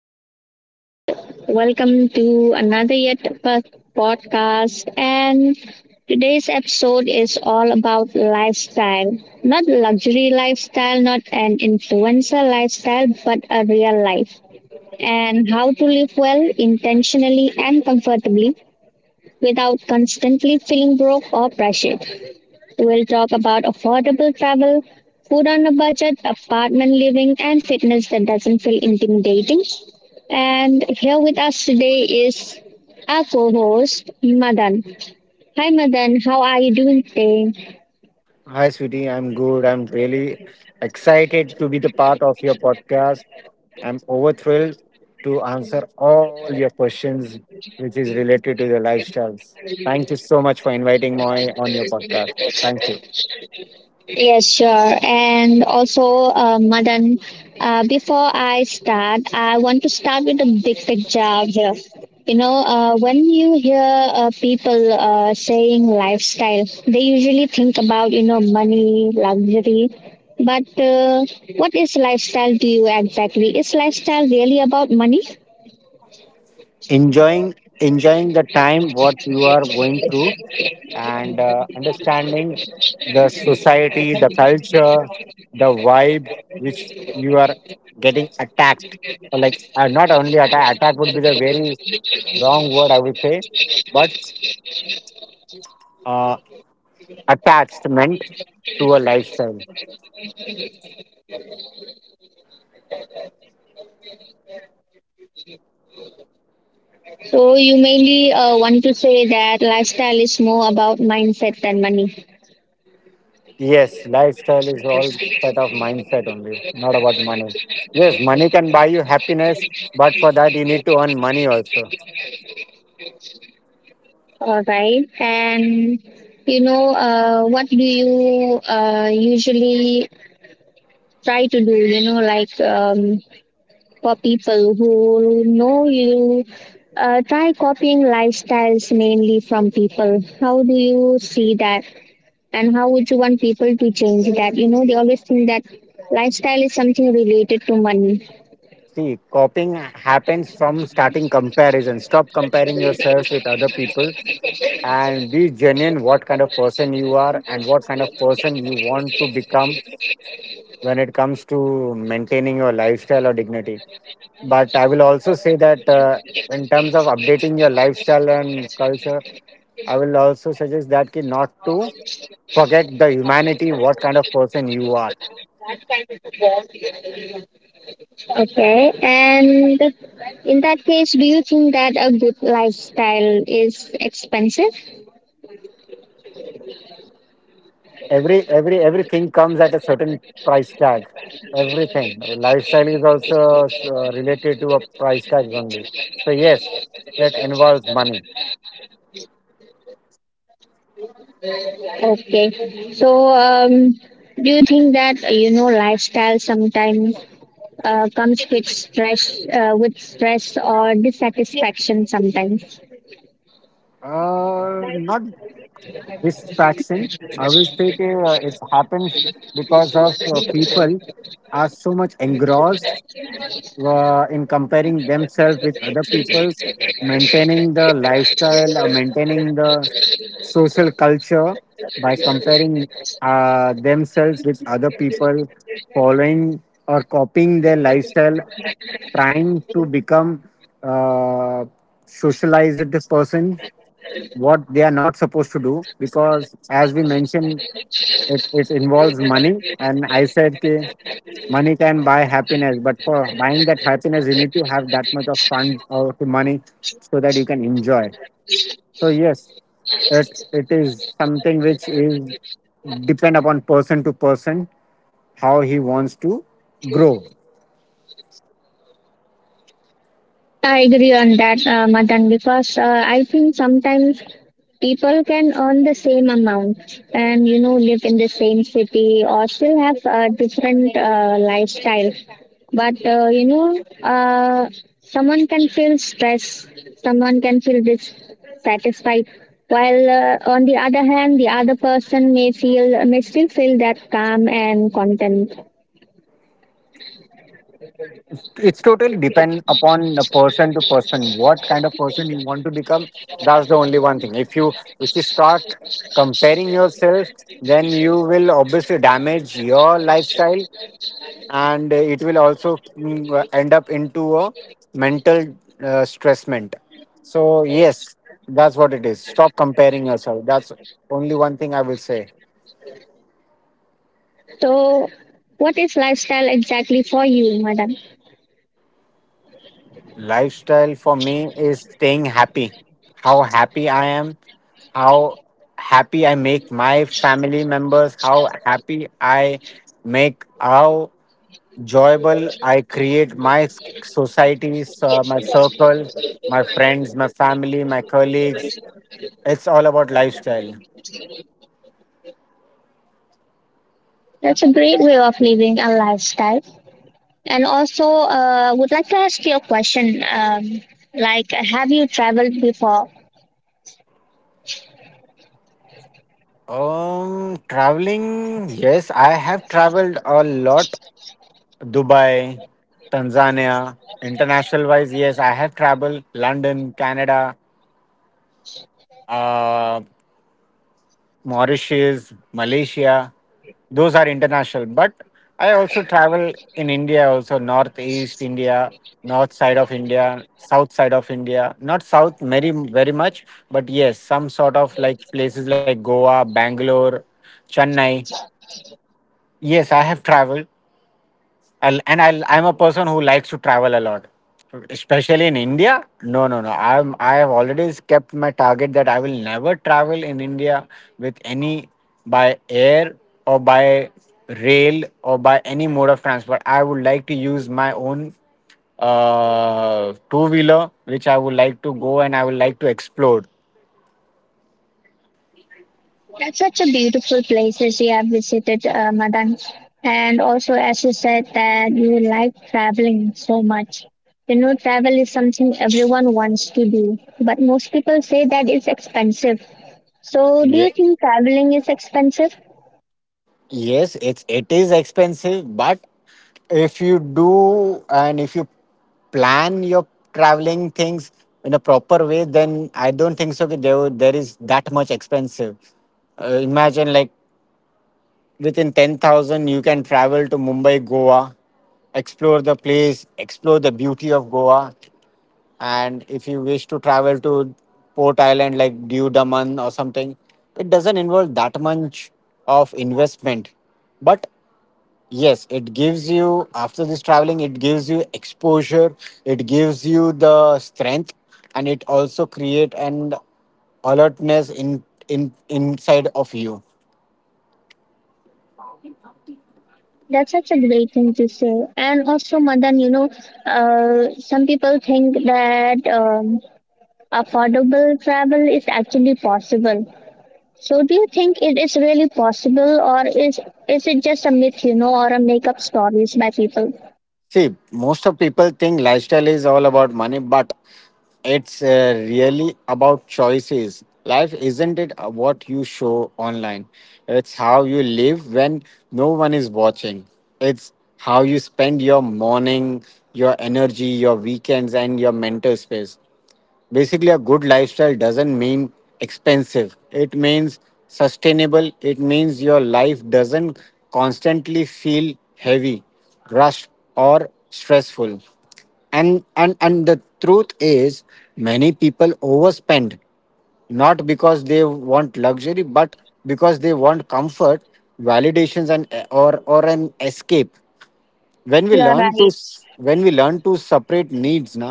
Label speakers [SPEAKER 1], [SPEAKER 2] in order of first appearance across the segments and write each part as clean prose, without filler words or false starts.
[SPEAKER 1] and welcome to another podcast. And Today's episode is all about lifestyle, not luxury lifestyle, not an influencer lifestyle, but a real life, and how to live well intentionally and comfortably without constantly feeling broke or pressured. We'll talk about affordable travel, food on a budget, apartment living, and fitness that doesn't feel intimidating. And here with us today is our co host, Madan. Hi, Madan. How are you doing today?
[SPEAKER 2] Hi, sweetie. I'm good. I'm really excited to be the part of your podcast. I'm over thrilled to answer all your questions, which is related to the lifestyles. Thank you so much for inviting me on your podcast. Thank you.
[SPEAKER 1] Yes, sure. And also, Madan, before I start, I want to start with a big picture here. You know, when you hear people saying lifestyle, they usually think about, you know, money, luxury. But what is lifestyle to you exactly? Is lifestyle really about money?
[SPEAKER 2] enjoying enjoying the time what you are going through and understanding the society, the culture, the vibe which you are getting attacked, or like, not only attack would be the very wrong word I would say, but uh, attachment to a lifestyle.
[SPEAKER 1] So you mainly want to say that lifestyle is more about mindset than money.
[SPEAKER 2] Yes, lifestyle is all set of mindset only, not about money. Yes, money can buy you happiness, but for that you need to earn money also.
[SPEAKER 1] All right. And you know, what do you usually try to do? You know, like for people who know you, try copying lifestyles mainly from people. How do you see that? And how would you want people to change that? You know, they always think that lifestyle is something related to money.
[SPEAKER 2] See, copying happens from starting comparison. Stop comparing yourself with other people and be genuine what kind of person you are and what kind of person you want to become when it comes to maintaining your lifestyle or dignity. But I will also say that in terms of updating your lifestyle and culture, I will also suggest that ki not to forget the humanity, what kind of person you are.
[SPEAKER 1] Okay. And in that case, do you think that a good lifestyle is expensive?
[SPEAKER 2] Everything comes at a certain price tag. Everything, lifestyle is also related to a price tag only. So yes, that involves money.
[SPEAKER 1] Okay. So, do you think that you know lifestyle sometimes comes with stress, or dissatisfaction sometimes?
[SPEAKER 2] Not disfaction, I will say that, it happens because of people are so much engrossed in comparing themselves with other people, maintaining the lifestyle, or maintaining the social culture by comparing themselves with other people, following or copying their lifestyle, trying to become a socialized person what they are not supposed to do. Because as we mentioned, it involves money, and I said okay, money can buy happiness, but for buying that happiness you need to have that much of funds or the money so that you can enjoy. So yes, it is something which is depend upon person to person how he wants to grow.
[SPEAKER 1] I agree on that, Madan, because I think sometimes people can earn the same amount, and you know, live in the same city, or still have a different lifestyle. But you know, someone can feel stress, someone can feel dissatisfied, while on the other hand, the other person may still feel that calm and content.
[SPEAKER 2] It's totally depend upon the person to person what kind of person you want to become. That's the only one thing. If you start comparing yourself, then you will obviously damage your lifestyle, and it will also end up into a mental stressment. So yes, that's what it is. Stop comparing yourself. That's only one thing I will say.
[SPEAKER 1] So, what is lifestyle exactly for you, Madan?
[SPEAKER 2] Lifestyle for me is staying happy. How happy I am, how happy I make my family members, how happy I make, how joyable I create my societies, my circle, my friends, my family, my colleagues. It's all about lifestyle.
[SPEAKER 1] That's a great way of living a lifestyle. And also, would like to ask you a question. Like, have you traveled before?
[SPEAKER 2] Traveling. Yes, I have traveled a lot. Dubai, Tanzania. International wise, yes, I have traveled London, Canada, uh, Mauritius, Malaysia. Those are international. But I also travel in India, also northeast India, north side of India, south side of India. Not south very very much, but yes, some sort of like places like Goa, Bangalore, Chennai. Yes, I have traveled. I'm a person who likes to travel a lot, especially in India. No, no, no. I have already kept my target that I will never travel in India with any, by air or by rail or by any mode of transport. I would like to use my own two wheeler, which I would like to go and I would like to explore.
[SPEAKER 1] That's such a beautiful places you have visited, Madan. And also, as you said, that you like traveling so much. You know, travel is something everyone wants to do, but most people say that it's expensive. So, do
[SPEAKER 2] Yeah.
[SPEAKER 1] you think traveling is expensive?
[SPEAKER 2] Yes, it is expensive, but if you do and if you plan your traveling things in a proper way, then I don't think so that there is that much expensive. Imagine like within 10,000, you can travel to Mumbai, Goa, explore the place, explore the beauty of Goa, and if you wish to travel to port island like Diu Daman or something, it doesn't involve that much of investment. But yes, it gives you, after this traveling it gives you exposure, it gives you the strength, and it also create an alertness in inside of you.
[SPEAKER 1] That's such a great thing to say. And also, Madan, you know, some people think that affordable travel is actually possible. So, do you think it is really possible, or is it just a myth, you know, or a make-up stories by people?
[SPEAKER 2] See, most of people think lifestyle is all about money, but it's really about choices. Life isn't it what you show online? It's how you live when no one is watching. It's how you spend your morning, your energy, your weekends, and your mental space. Basically, a good lifestyle doesn't mean expensive, it means sustainable. It means your life doesn't constantly feel heavy, rushed, or stressful. And the truth is, many people overspend not because they want luxury, but because they want comfort, validations, and or an escape.
[SPEAKER 1] You're right.
[SPEAKER 2] When we learn to separate needs, na,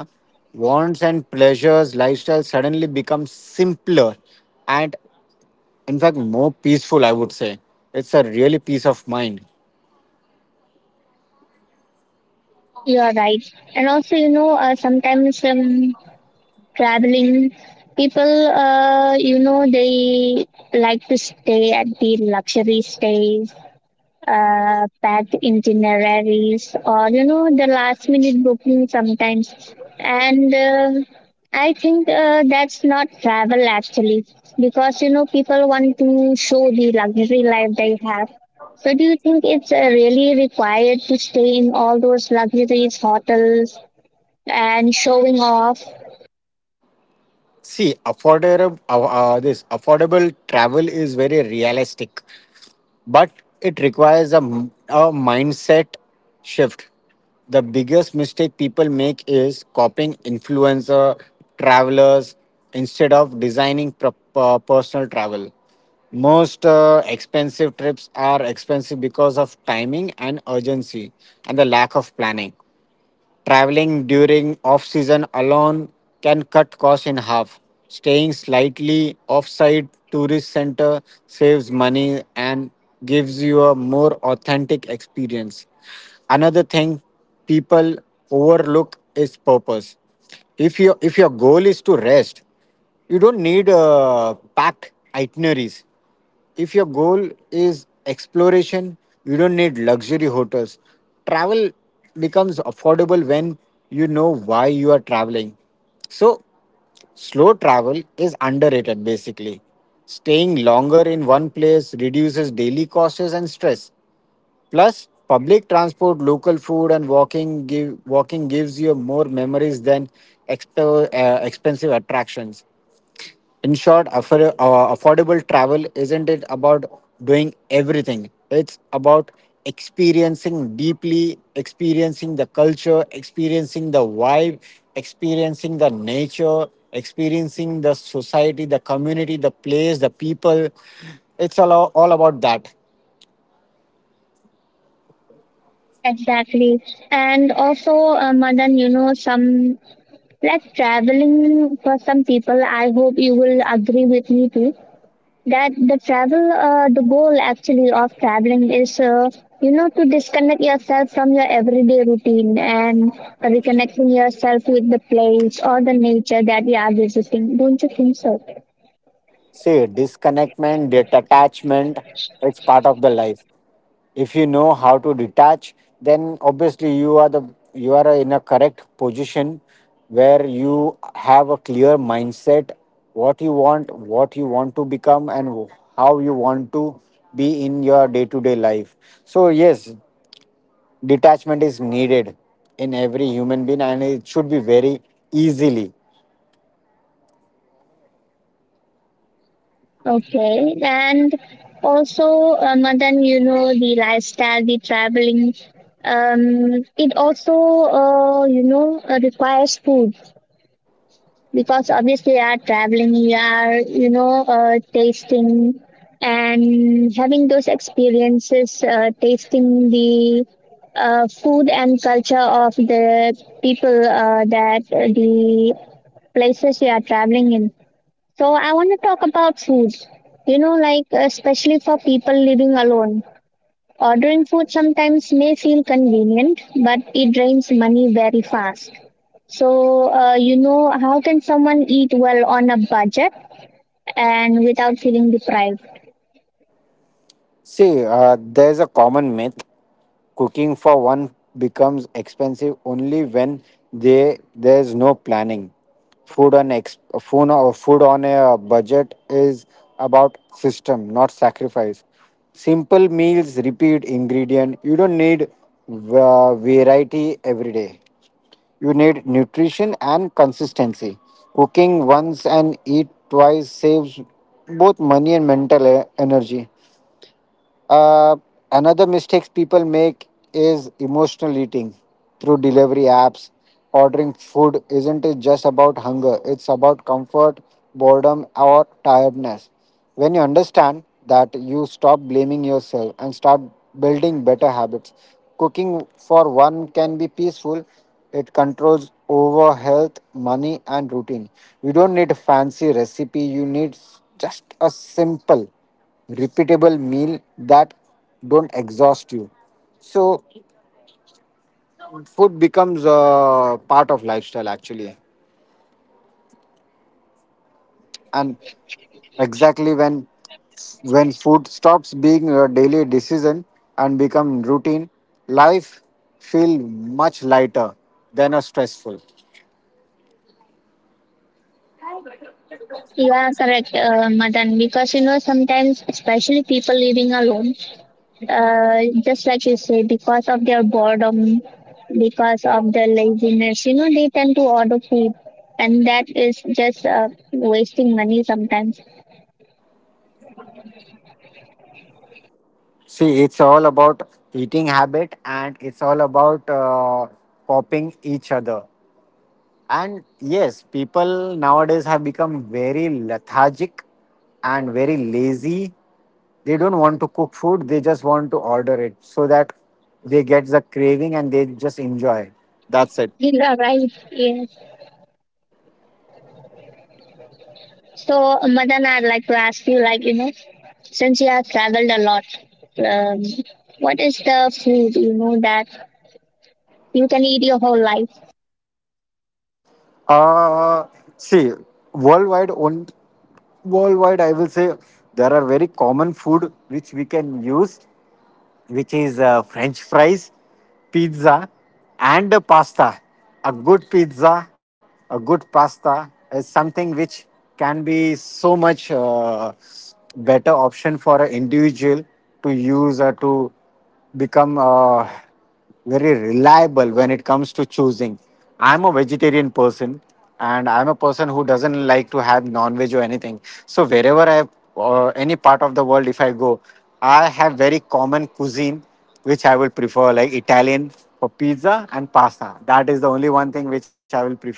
[SPEAKER 2] wants and pleasures lifestyle suddenly becomes simpler and in fact more peaceful I would say it's a really peace of mind
[SPEAKER 1] You're right. And also, you know, sometimes traveling, people, you know, they like to stay at the luxury stays, packed itineraries, or you know, the last minute booking sometimes, and I think that's not travel actually, because you know, people want to show the luxury life they have. So do you think it's really required to stay in all those luxurious hotels and showing off?
[SPEAKER 2] see affordable this affordable travel is very realistic but it requires a, m- a mindset shift. The biggest mistake people make is copying influencer travelers instead of designing pro- per- personal travel. Most expensive trips are expensive because of timing and urgency and the lack of planning. Traveling during off season alone can cut costs in half. Staying slightly off-site tourist center saves money and gives you a more authentic experience. Another thing people overlook is purpose. If your goal is to rest, you don't need packed itineraries. If your goal is exploration, you don't need luxury hotels. Travel becomes affordable when you know why you are traveling. So, slow travel is underrated basically. Staying longer in one place reduces daily costs and stress. Plus, public transport, local food, and walking give walking gives you more memories than exp- expensive attractions. In short, affor- affordable travel isn't it about doing everything? It's about experiencing deeply, experiencing the culture, experiencing the vibe, experiencing the nature, experiencing the society, the community, the place, the people. It's all about that.
[SPEAKER 1] Exactly. And also Madan, you know, some, like, traveling for some people, I hope you will agree with me too, that the travel the goal actually of traveling is you know, to disconnect yourself from your everyday routine and reconnecting yourself with the place or the nature that you are visiting. Don't you think so?
[SPEAKER 2] See, disconnectment, detachment, it's part of the life. If you know how to detach then obviously you are the you are in a correct position where you have a clear mindset what you want what you want to become and how you want to be in your day to day life so yes detachment is needed in every human being and it should be very easily
[SPEAKER 1] Okay. And also Madan, you know, the lifestyle, the traveling, it also you know requires food, because obviously you are traveling, you are, you know, tasting and having those experiences, tasting the food and culture of the people that the places you are traveling in. So I want to talk about food. You know, like, especially for people living alone, ordering food sometimes may feel convenient, but it drains money very fast. So, you know, how can someone eat well on a budget and without feeling deprived?
[SPEAKER 2] see there's a common myth Cooking for one becomes expensive only when they, there's no planning. Food on ex, food on food on a budget is about system, not sacrifice. Simple meals, repeat ingredient. You don't need variety every day. You need nutrition and consistency. Cooking once and eat twice saves both money and mental e- energy. Uh, another mistakes people make is emotional eating through delivery apps. Ordering food isn't it just about hunger, it's about comfort, boredom, or tiredness. When you understand that, you stop blaming yourself and start building better habits. Cooking for one can be peaceful, it controls over health, money, and routine. You don't need a fancy recipe, you need just a simple repeatable meal that don't exhaust you so food becomes a part of lifestyle actually and exactly when food stops being a daily decision and become routine life feel much lighter than a stressful
[SPEAKER 1] You are correct, Madan, because you know, sometimes, especially people living alone, uh, just like you say, because of their boredom, because of their laziness, you know, they tend to order food, and that is just wasting money sometimes.
[SPEAKER 2] see it's all about eating habit and it's all about copying each other And yes, people nowadays have become very lethargic and very lazy. They don't want to cook food, they just want to order it so that they get the craving and they just enjoy. That's it.
[SPEAKER 1] You are right, yes. So, Madan, I'd like to ask you, like, you know, since you have traveled a lot, um, what is the food, you know, that you can eat your whole life?
[SPEAKER 2] Uh, see, worldwide, on, worldwide, I will say there are very common food which we can use, which is French fries, pizza, and a pasta. A good pizza, a good pasta is something which can be so much better option for an individual to use or to become. Very reliable when it comes to choosing. I'm a vegetarian person and I'm a person who doesn't like to have non veg or anything. So, wherever I, or any part of the world, if I go, I have very common cuisine which I will prefer, like Italian for pizza and pasta. That is the only one thing which I will prefer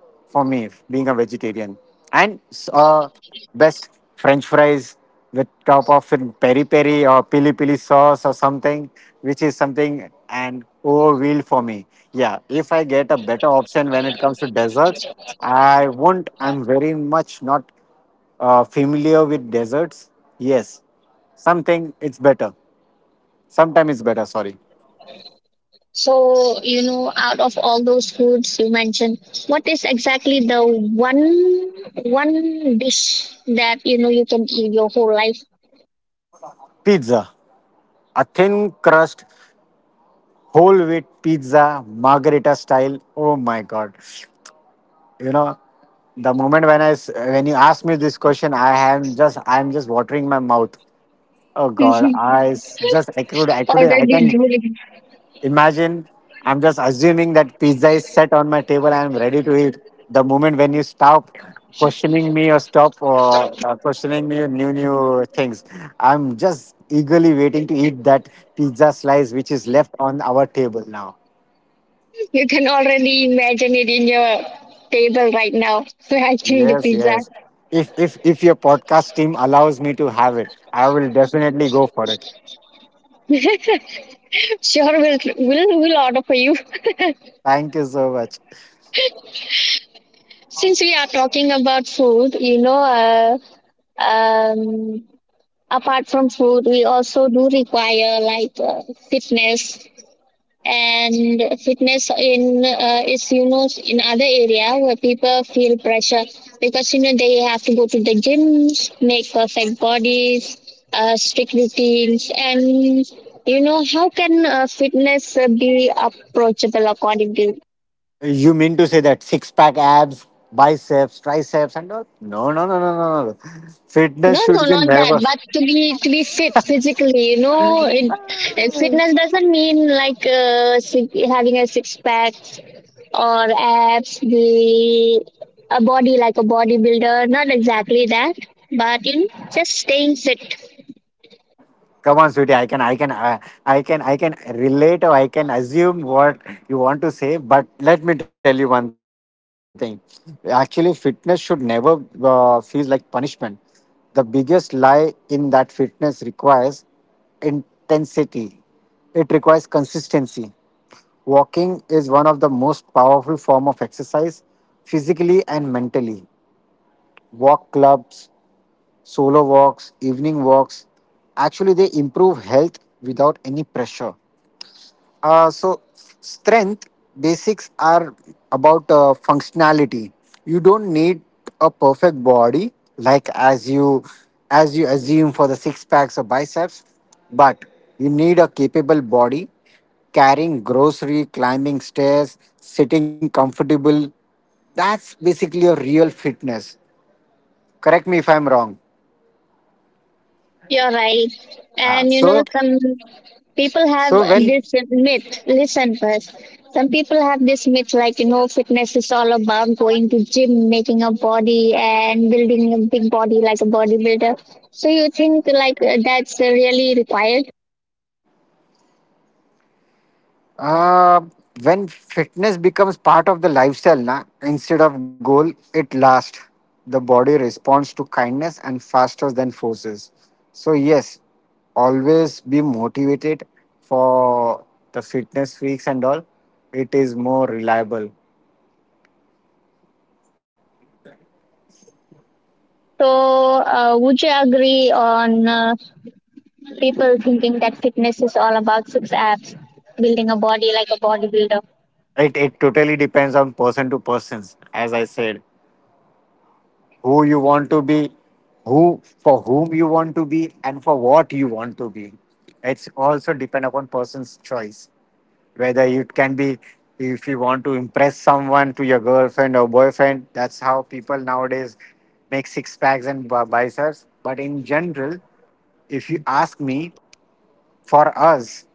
[SPEAKER 2] for me, being a vegetarian. And uh, best french fries with top of in peri peri or pili pili sauce or something which is something and overwhelmed for me. Yeah, if I get a better option when it comes to desserts, I won't, I'm very much not familiar with desserts. Yes, something it's better. Sometime it's better, sorry.
[SPEAKER 1] So, you know, out of all those foods you mentioned, what is exactly the one dish that you know you can eat your whole life?
[SPEAKER 2] Pizza, a thin crust whole wheat pizza margarita style, oh my god. You know, the moment when when you ask me this question, I am just, I'm just watering my mouth. Oh god, I s- just I could I couldn't I
[SPEAKER 1] Already
[SPEAKER 2] can
[SPEAKER 1] drooling.
[SPEAKER 2] imagine. I'm just assuming that pizza is set on my table and I'm ready to eat. The moment when you stop questioning me or stop questioning me new things, I'm just eagerly waiting to eat that pizza slice which is left on our table now.
[SPEAKER 1] You can already imagine it in your table right now. So I think the
[SPEAKER 2] Yes,
[SPEAKER 1] pizza.
[SPEAKER 2] yes. If your podcast team allows me to have it, I will definitely go for it.
[SPEAKER 1] Sure, we'll order for you.
[SPEAKER 2] Thank you so much.
[SPEAKER 1] Since we are talking about food, you know, apart from food, we also do require like fitness. And fitness in is, you know, in other area where people feel pressure, because you know, they have to go to the gyms, make perfect bodies, strict routines, and you know, how can fitness be approachable according to—
[SPEAKER 2] You mean to say that six pack abs, biceps, triceps, and all? No, no, no, no, no, no.
[SPEAKER 1] No,
[SPEAKER 2] Fitness should
[SPEAKER 1] no,
[SPEAKER 2] be
[SPEAKER 1] not that.
[SPEAKER 2] never.
[SPEAKER 1] But to be fit physically, you know, it, fitness doesn't mean like having a six pack or abs, the a body like a bodybuilder. Not exactly that, but you know, just staying fit.
[SPEAKER 2] Come on, sweetie. I can relate, or I can assume what you want to say. But let me tell you one thing. Actually, fitness should never feels like punishment. The biggest lie in that fitness requires intensity. It requires consistency. Walking is one of the most powerful form of exercise, physically and mentally. Walk clubs, solo walks, evening walks. Actually, they improve health without any pressure. Strength basics are about functionality. You don't need a perfect body, like as you assume for the six packs or biceps, but you need a capable body, carrying grocery, climbing stairs, sitting comfortable. That's basically a real fitness. Correct me if I'm wrong.
[SPEAKER 1] You're right,
[SPEAKER 2] Ah,
[SPEAKER 1] and you
[SPEAKER 2] so.
[SPEAKER 1] know, some people
[SPEAKER 2] So
[SPEAKER 1] have
[SPEAKER 2] when
[SPEAKER 1] this myth, listen first, some people have this myth, like, you know, fitness is all about going to gym, making a body, and building a big body like a bodybuilder. So you think like that's really required?
[SPEAKER 2] uh, when fitness becomes part of the lifestyle, na, instead of goal, it lasts. The body responds to kindness and faster than forces. So yes, always be motivated for the fitness freaks and all. It is more reliable.
[SPEAKER 1] So would you agree on people thinking that fitness is all about six abs, building a body like a bodybuilder?
[SPEAKER 2] It totally depends on person to persons, as I said. Who you want to be, who for whom you want to be, and for what you want to be. It's also depend upon person's choice. Whether it can be, if you want to impress someone to your girlfriend or boyfriend, that's how people nowadays make six packs and biceps. But in general, if you ask me, for us,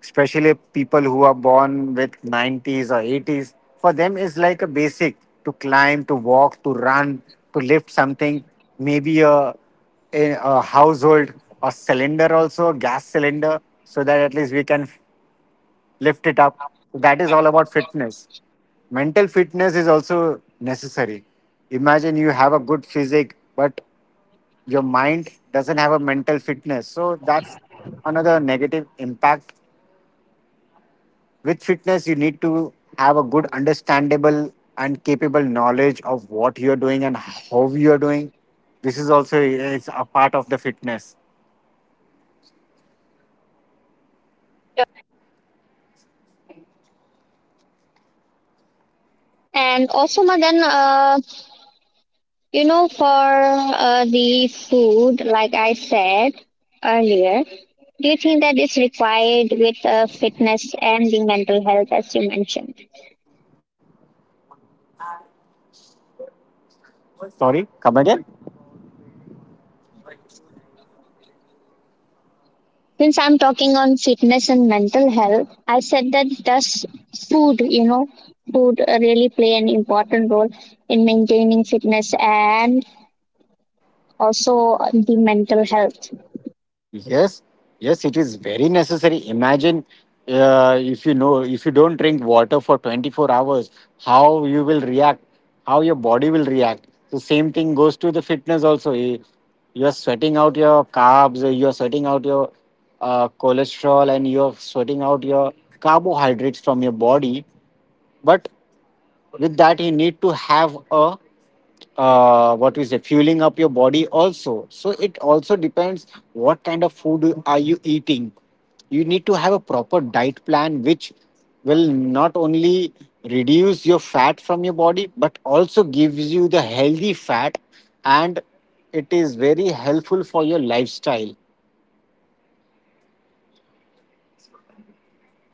[SPEAKER 2] especially people who are born with 90s or 80s, for them it's like a basic to climb, to walk, to run, to lift something, maybe a household or cylinder also, gas cylinder, so that at least we can lift it up. That is all about fitness. Mental fitness is also necessary. Imagine you have a good physique, but your mind doesn't have a mental fitness. So that's another negative impact. With fitness, you need to have a good, understandable, and capable knowledge of what you're doing and how you're doing. This is also it's a part of the fitness.
[SPEAKER 1] And also Madan, you know, for the food, like I said earlier, do you think that is required with fitness and the mental health, as you mentioned?
[SPEAKER 2] Sorry, come again.
[SPEAKER 1] Since I'm talking on fitness and mental health, I said, that does food, you know, food really play an important role in maintaining fitness and also the mental health?
[SPEAKER 2] Yes, yes, it is very necessary. Imagine if you know if you don't drink water for 24 hours, how you will react, how your body will react. The same thing goes to the fitness also. You are sweating out your carbs, you are sweating out your cholesterol, and you are sweating out your carbohydrates from your body. But with that, you need to have a what we say fueling up your body also, so it also depends what kind of food are you eating. You need to have a proper diet plan which will not only reduce your fat from your body but also gives you the healthy fat, and it is very helpful for your lifestyle.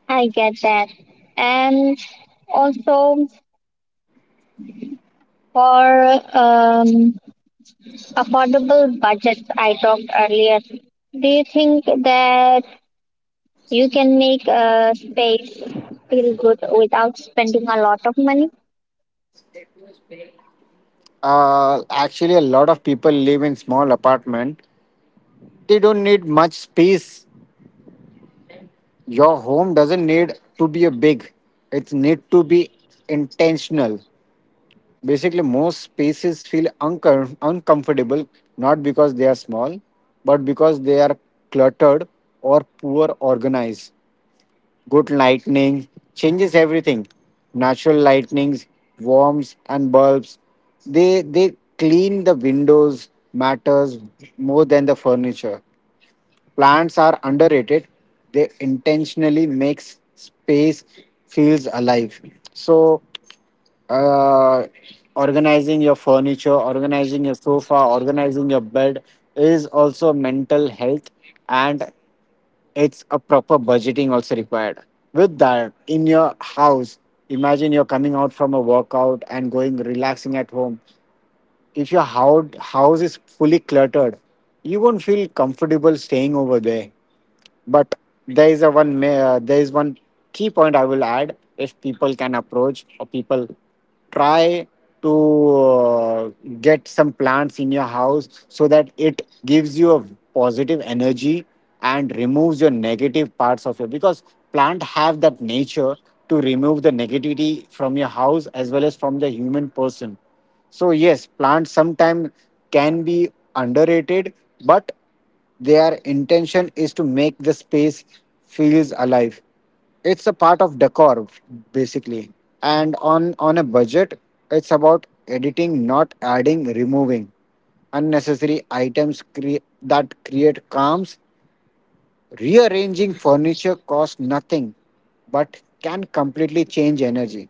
[SPEAKER 1] I get that, and also for affordable budgets, I talked earlier. Do you think that you can make a space feel good without spending a lot of money?
[SPEAKER 2] Uh, actually a lot of people live in small apartment. They don't need much space. Your home doesn't need to be a big. It need to be intentional. Basically, most spaces feel uncomfortable not because they are small, but because they are cluttered or poor organized. Good lighting changes everything. Natural lightnings, warms and bulbs. They clean the windows matters more than the furniture. Plants are underrated. They intentionally makes space feels alive. So, uh, organizing your furniture, organizing your sofa, organizing your bed is also mental health, and it's a proper budgeting also required. With that, in your house, imagine you're coming out from a workout and going relaxing at home. If your house is fully cluttered, you won't feel comfortable staying over there. But there is a one there is one key point I will add: if people can approach or people try to get some plants in your house so that it gives you a positive energy and removes your negative parts of your, because plant have that nature to remove the negativity from your house as well as from the human person. So yes, plants sometimes can be underrated, but their intention is to make the space feels alive. It's a part of decor basically. And on a budget, it's about editing, not adding, removing unnecessary items that create calms. Rearranging furniture costs nothing, but can completely change energy.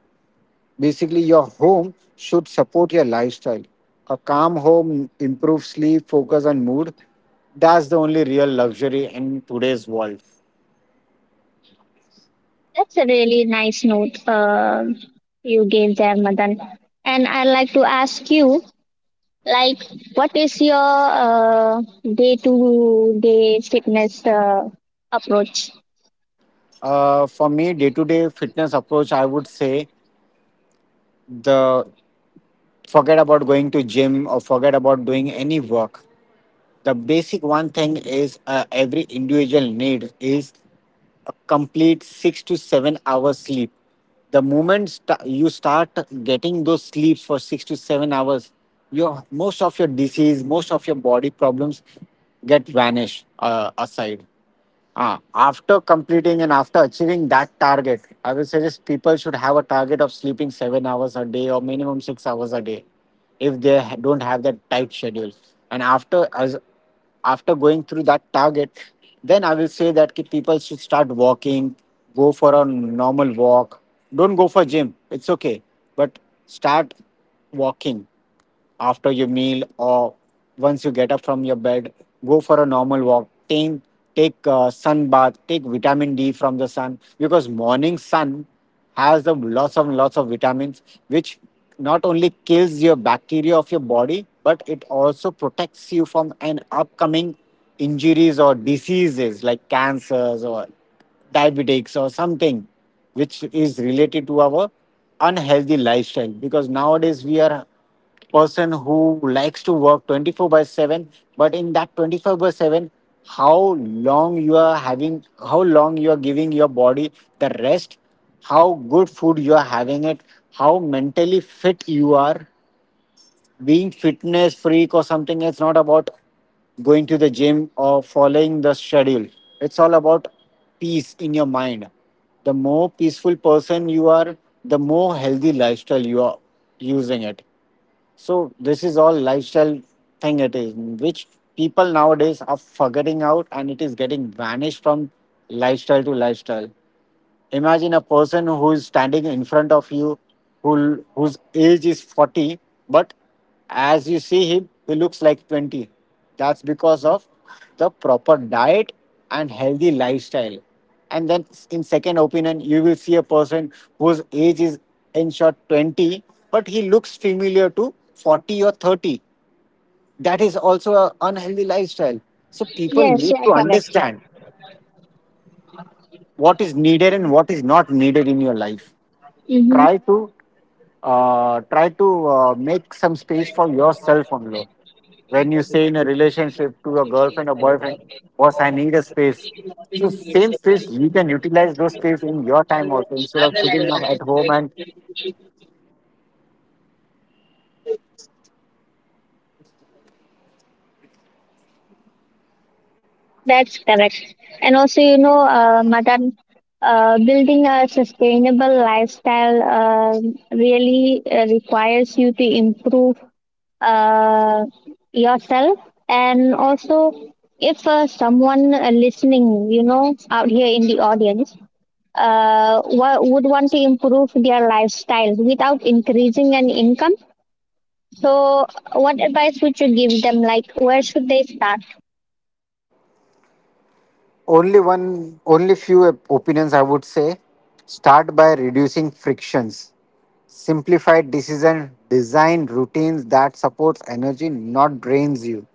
[SPEAKER 2] Basically, your home should support your lifestyle. A calm home improves sleep, focus, and mood. That's the only real luxury in today's world.
[SPEAKER 1] That's a really nice note you gave there, Madan. And I'd like to ask you, like, what is your day-to-day fitness approach?
[SPEAKER 2] For me, day-to-day fitness approach, I would say, the forget about going to gym or forget about doing any work. The basic one thing is every individual need is a complete 6 to 7 hours sleep. The moment you start getting those sleeps for 6 to 7 hours, your most of your disease, most of your body problems get vanished aside. Ah, after completing and after achieving that target, I will suggest people should have a target of sleeping 7 hours a day or minimum 6 hours a day if they don't have that tight schedule. And after going through that target, then I will say that ki people should start walking, go for a normal walk. Don't go for gym. It's okay. But start walking after your meal or once you get up from your bed, go for a normal walk. Take a sun bath, take vitamin D from the sun, because morning sun has the lots of vitamins, which not only kills your bacteria of your body, but it also protects you from an upcoming injuries or diseases like cancers or diabetics or something, which is related to our unhealthy lifestyle, because nowadays we are person who likes to work 24 by 7. But in that 24 by 7, how long you are having, how long you are giving your body the rest, how good food you are having it, how mentally fit you are. Being fitness freak or something, it's not about going to the gym or following the schedule. It's all about peace in your mind. The more peaceful person you are, the more healthy lifestyle you are using it. So this is all lifestyle thing it is, which people nowadays are forgetting out and it is getting vanished from lifestyle to lifestyle. Imagine a person who is standing in front of you, whose age is 40, but as you see him he looks like 20. That's because of the proper diet and healthy lifestyle. And then in second opinion, you will see a person whose age is in short 20, but he looks familiar to 40 or 30. That is also an unhealthy lifestyle. So people
[SPEAKER 1] Yes,
[SPEAKER 2] need
[SPEAKER 1] yeah,
[SPEAKER 2] to
[SPEAKER 1] correct.
[SPEAKER 2] understand what is needed and what is not needed in your life.
[SPEAKER 1] Mm-hmm.
[SPEAKER 2] Try to make some space for yourself only. When you say in a relationship to your girlfriend or boyfriend, boss, I need a space. So same space, you can utilize those space in your time also instead of sitting at home and.
[SPEAKER 1] That's correct. And also, you know, Madan, building a sustainable lifestyle really requires you to improve uh, yourself. And also, if someone listening, you know, out here in the audience, would want to improve their lifestyle without increasing an income, so what advice would you give them, like, where should they start?
[SPEAKER 2] Only one, only few opinions I would say. Start by reducing frictions. Simplified decision design routines that supports energy, not drains you.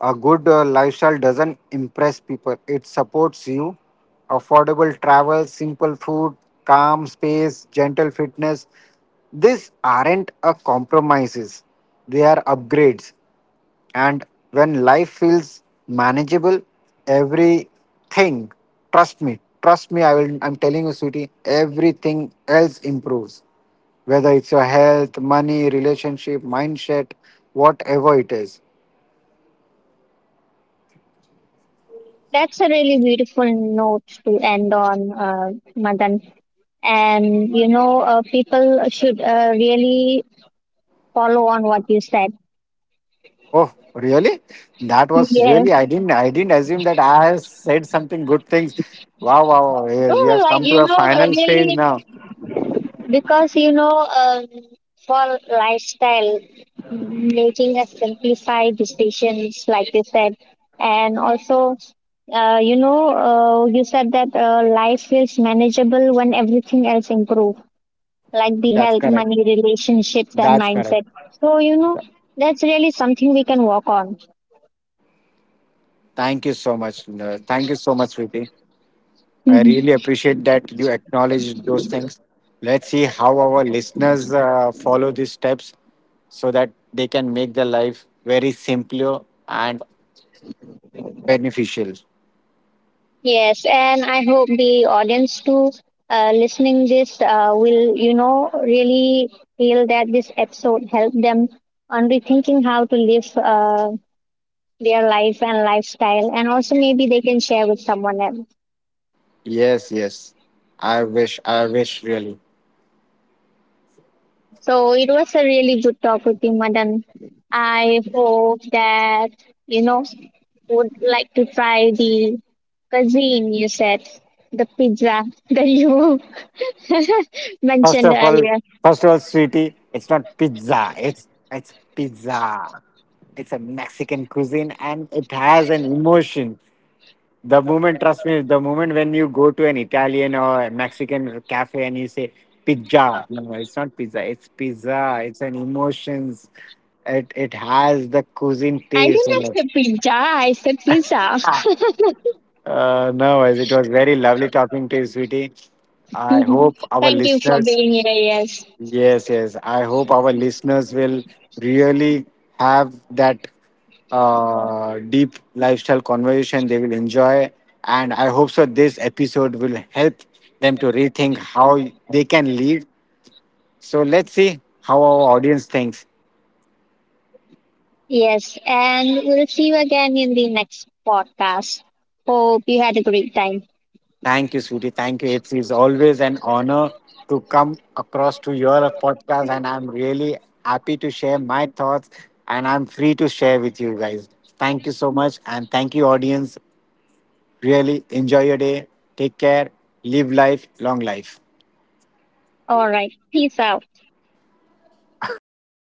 [SPEAKER 2] A good lifestyle doesn't impress people, it supports you. Affordable travel, simple food, calm space, gentle fitness. These aren't a compromises, they are upgrades. And when life feels manageable, everything, trust me, I'm telling you, sweetie, everything else improves. Whether it's your health, money, relationship, mindset, whatever it is.
[SPEAKER 1] That's a really beautiful note to end on, Madan. And you know, people should really follow on what you said.
[SPEAKER 2] Oh, really? That was really,
[SPEAKER 1] Yes.
[SPEAKER 2] I didn't assume that I have said something good things. Wow, wow, wow. We
[SPEAKER 1] Oh,
[SPEAKER 2] have
[SPEAKER 1] like,
[SPEAKER 2] come to
[SPEAKER 1] you
[SPEAKER 2] a
[SPEAKER 1] know,
[SPEAKER 2] final stage
[SPEAKER 1] really.
[SPEAKER 2] now.
[SPEAKER 1] Because you know, for lifestyle, making a simplified decisions, like you said, and also, you know, you said that life feels manageable when everything else improve, like the
[SPEAKER 2] That's
[SPEAKER 1] health,
[SPEAKER 2] correct.
[SPEAKER 1] money, relationships, and
[SPEAKER 2] That's correct.
[SPEAKER 1] mindset. So you know,
[SPEAKER 2] Th-
[SPEAKER 1] that's really something we can work on.
[SPEAKER 2] Thank you so much. Thank you so much, Switi. I really appreciate that you acknowledge those things. Let's see how our listeners follow these steps so that they can make their life very simpler and beneficial.
[SPEAKER 1] Yes, and I hope the audience too, listening this, will, you know, really feel that this episode helped them on rethinking how to live their life and lifestyle, and also maybe they can share with someone else.
[SPEAKER 2] Yes, yes. I wish really.
[SPEAKER 1] So it was a really good talk with you, Madan. I hope that, you know, would like to try the cuisine you said, the pizza that you
[SPEAKER 2] First
[SPEAKER 1] mentioned
[SPEAKER 2] of all,
[SPEAKER 1] earlier.
[SPEAKER 2] First of all, sweetie, it's not pizza. It's pizza. It's a Mexican cuisine, and it has an emotion. Trust me, the moment when you go to an Italian or a Mexican cafe and you say pizza, no, it's not pizza. It's pizza. It's an emotions. It has the cuisine
[SPEAKER 1] I do
[SPEAKER 2] taste
[SPEAKER 1] not
[SPEAKER 2] in
[SPEAKER 1] have
[SPEAKER 2] it.
[SPEAKER 1] said pizza. I said pizza.
[SPEAKER 2] No, as it was very lovely talking to you, sweetie. I hope our
[SPEAKER 1] Thank you for
[SPEAKER 2] listeners.
[SPEAKER 1] being here. Yes.
[SPEAKER 2] Yes, yes. I hope our listeners will really have that deep lifestyle conversation they will enjoy. And I hope so this episode will help them to rethink how they can lead. So let's see how our audience thinks.
[SPEAKER 1] Yes. And we'll see you again in the next podcast. Hope you had a great time.
[SPEAKER 2] Thank you, Sweetie. Thank you. It's always an honor to come across to your podcast. And I'm really happy to share my thoughts and I'm free to share with you guys. Thank you so much. And thank you, audience. Really enjoy your day. Take care. Live life. Long life.
[SPEAKER 1] All right. Peace out.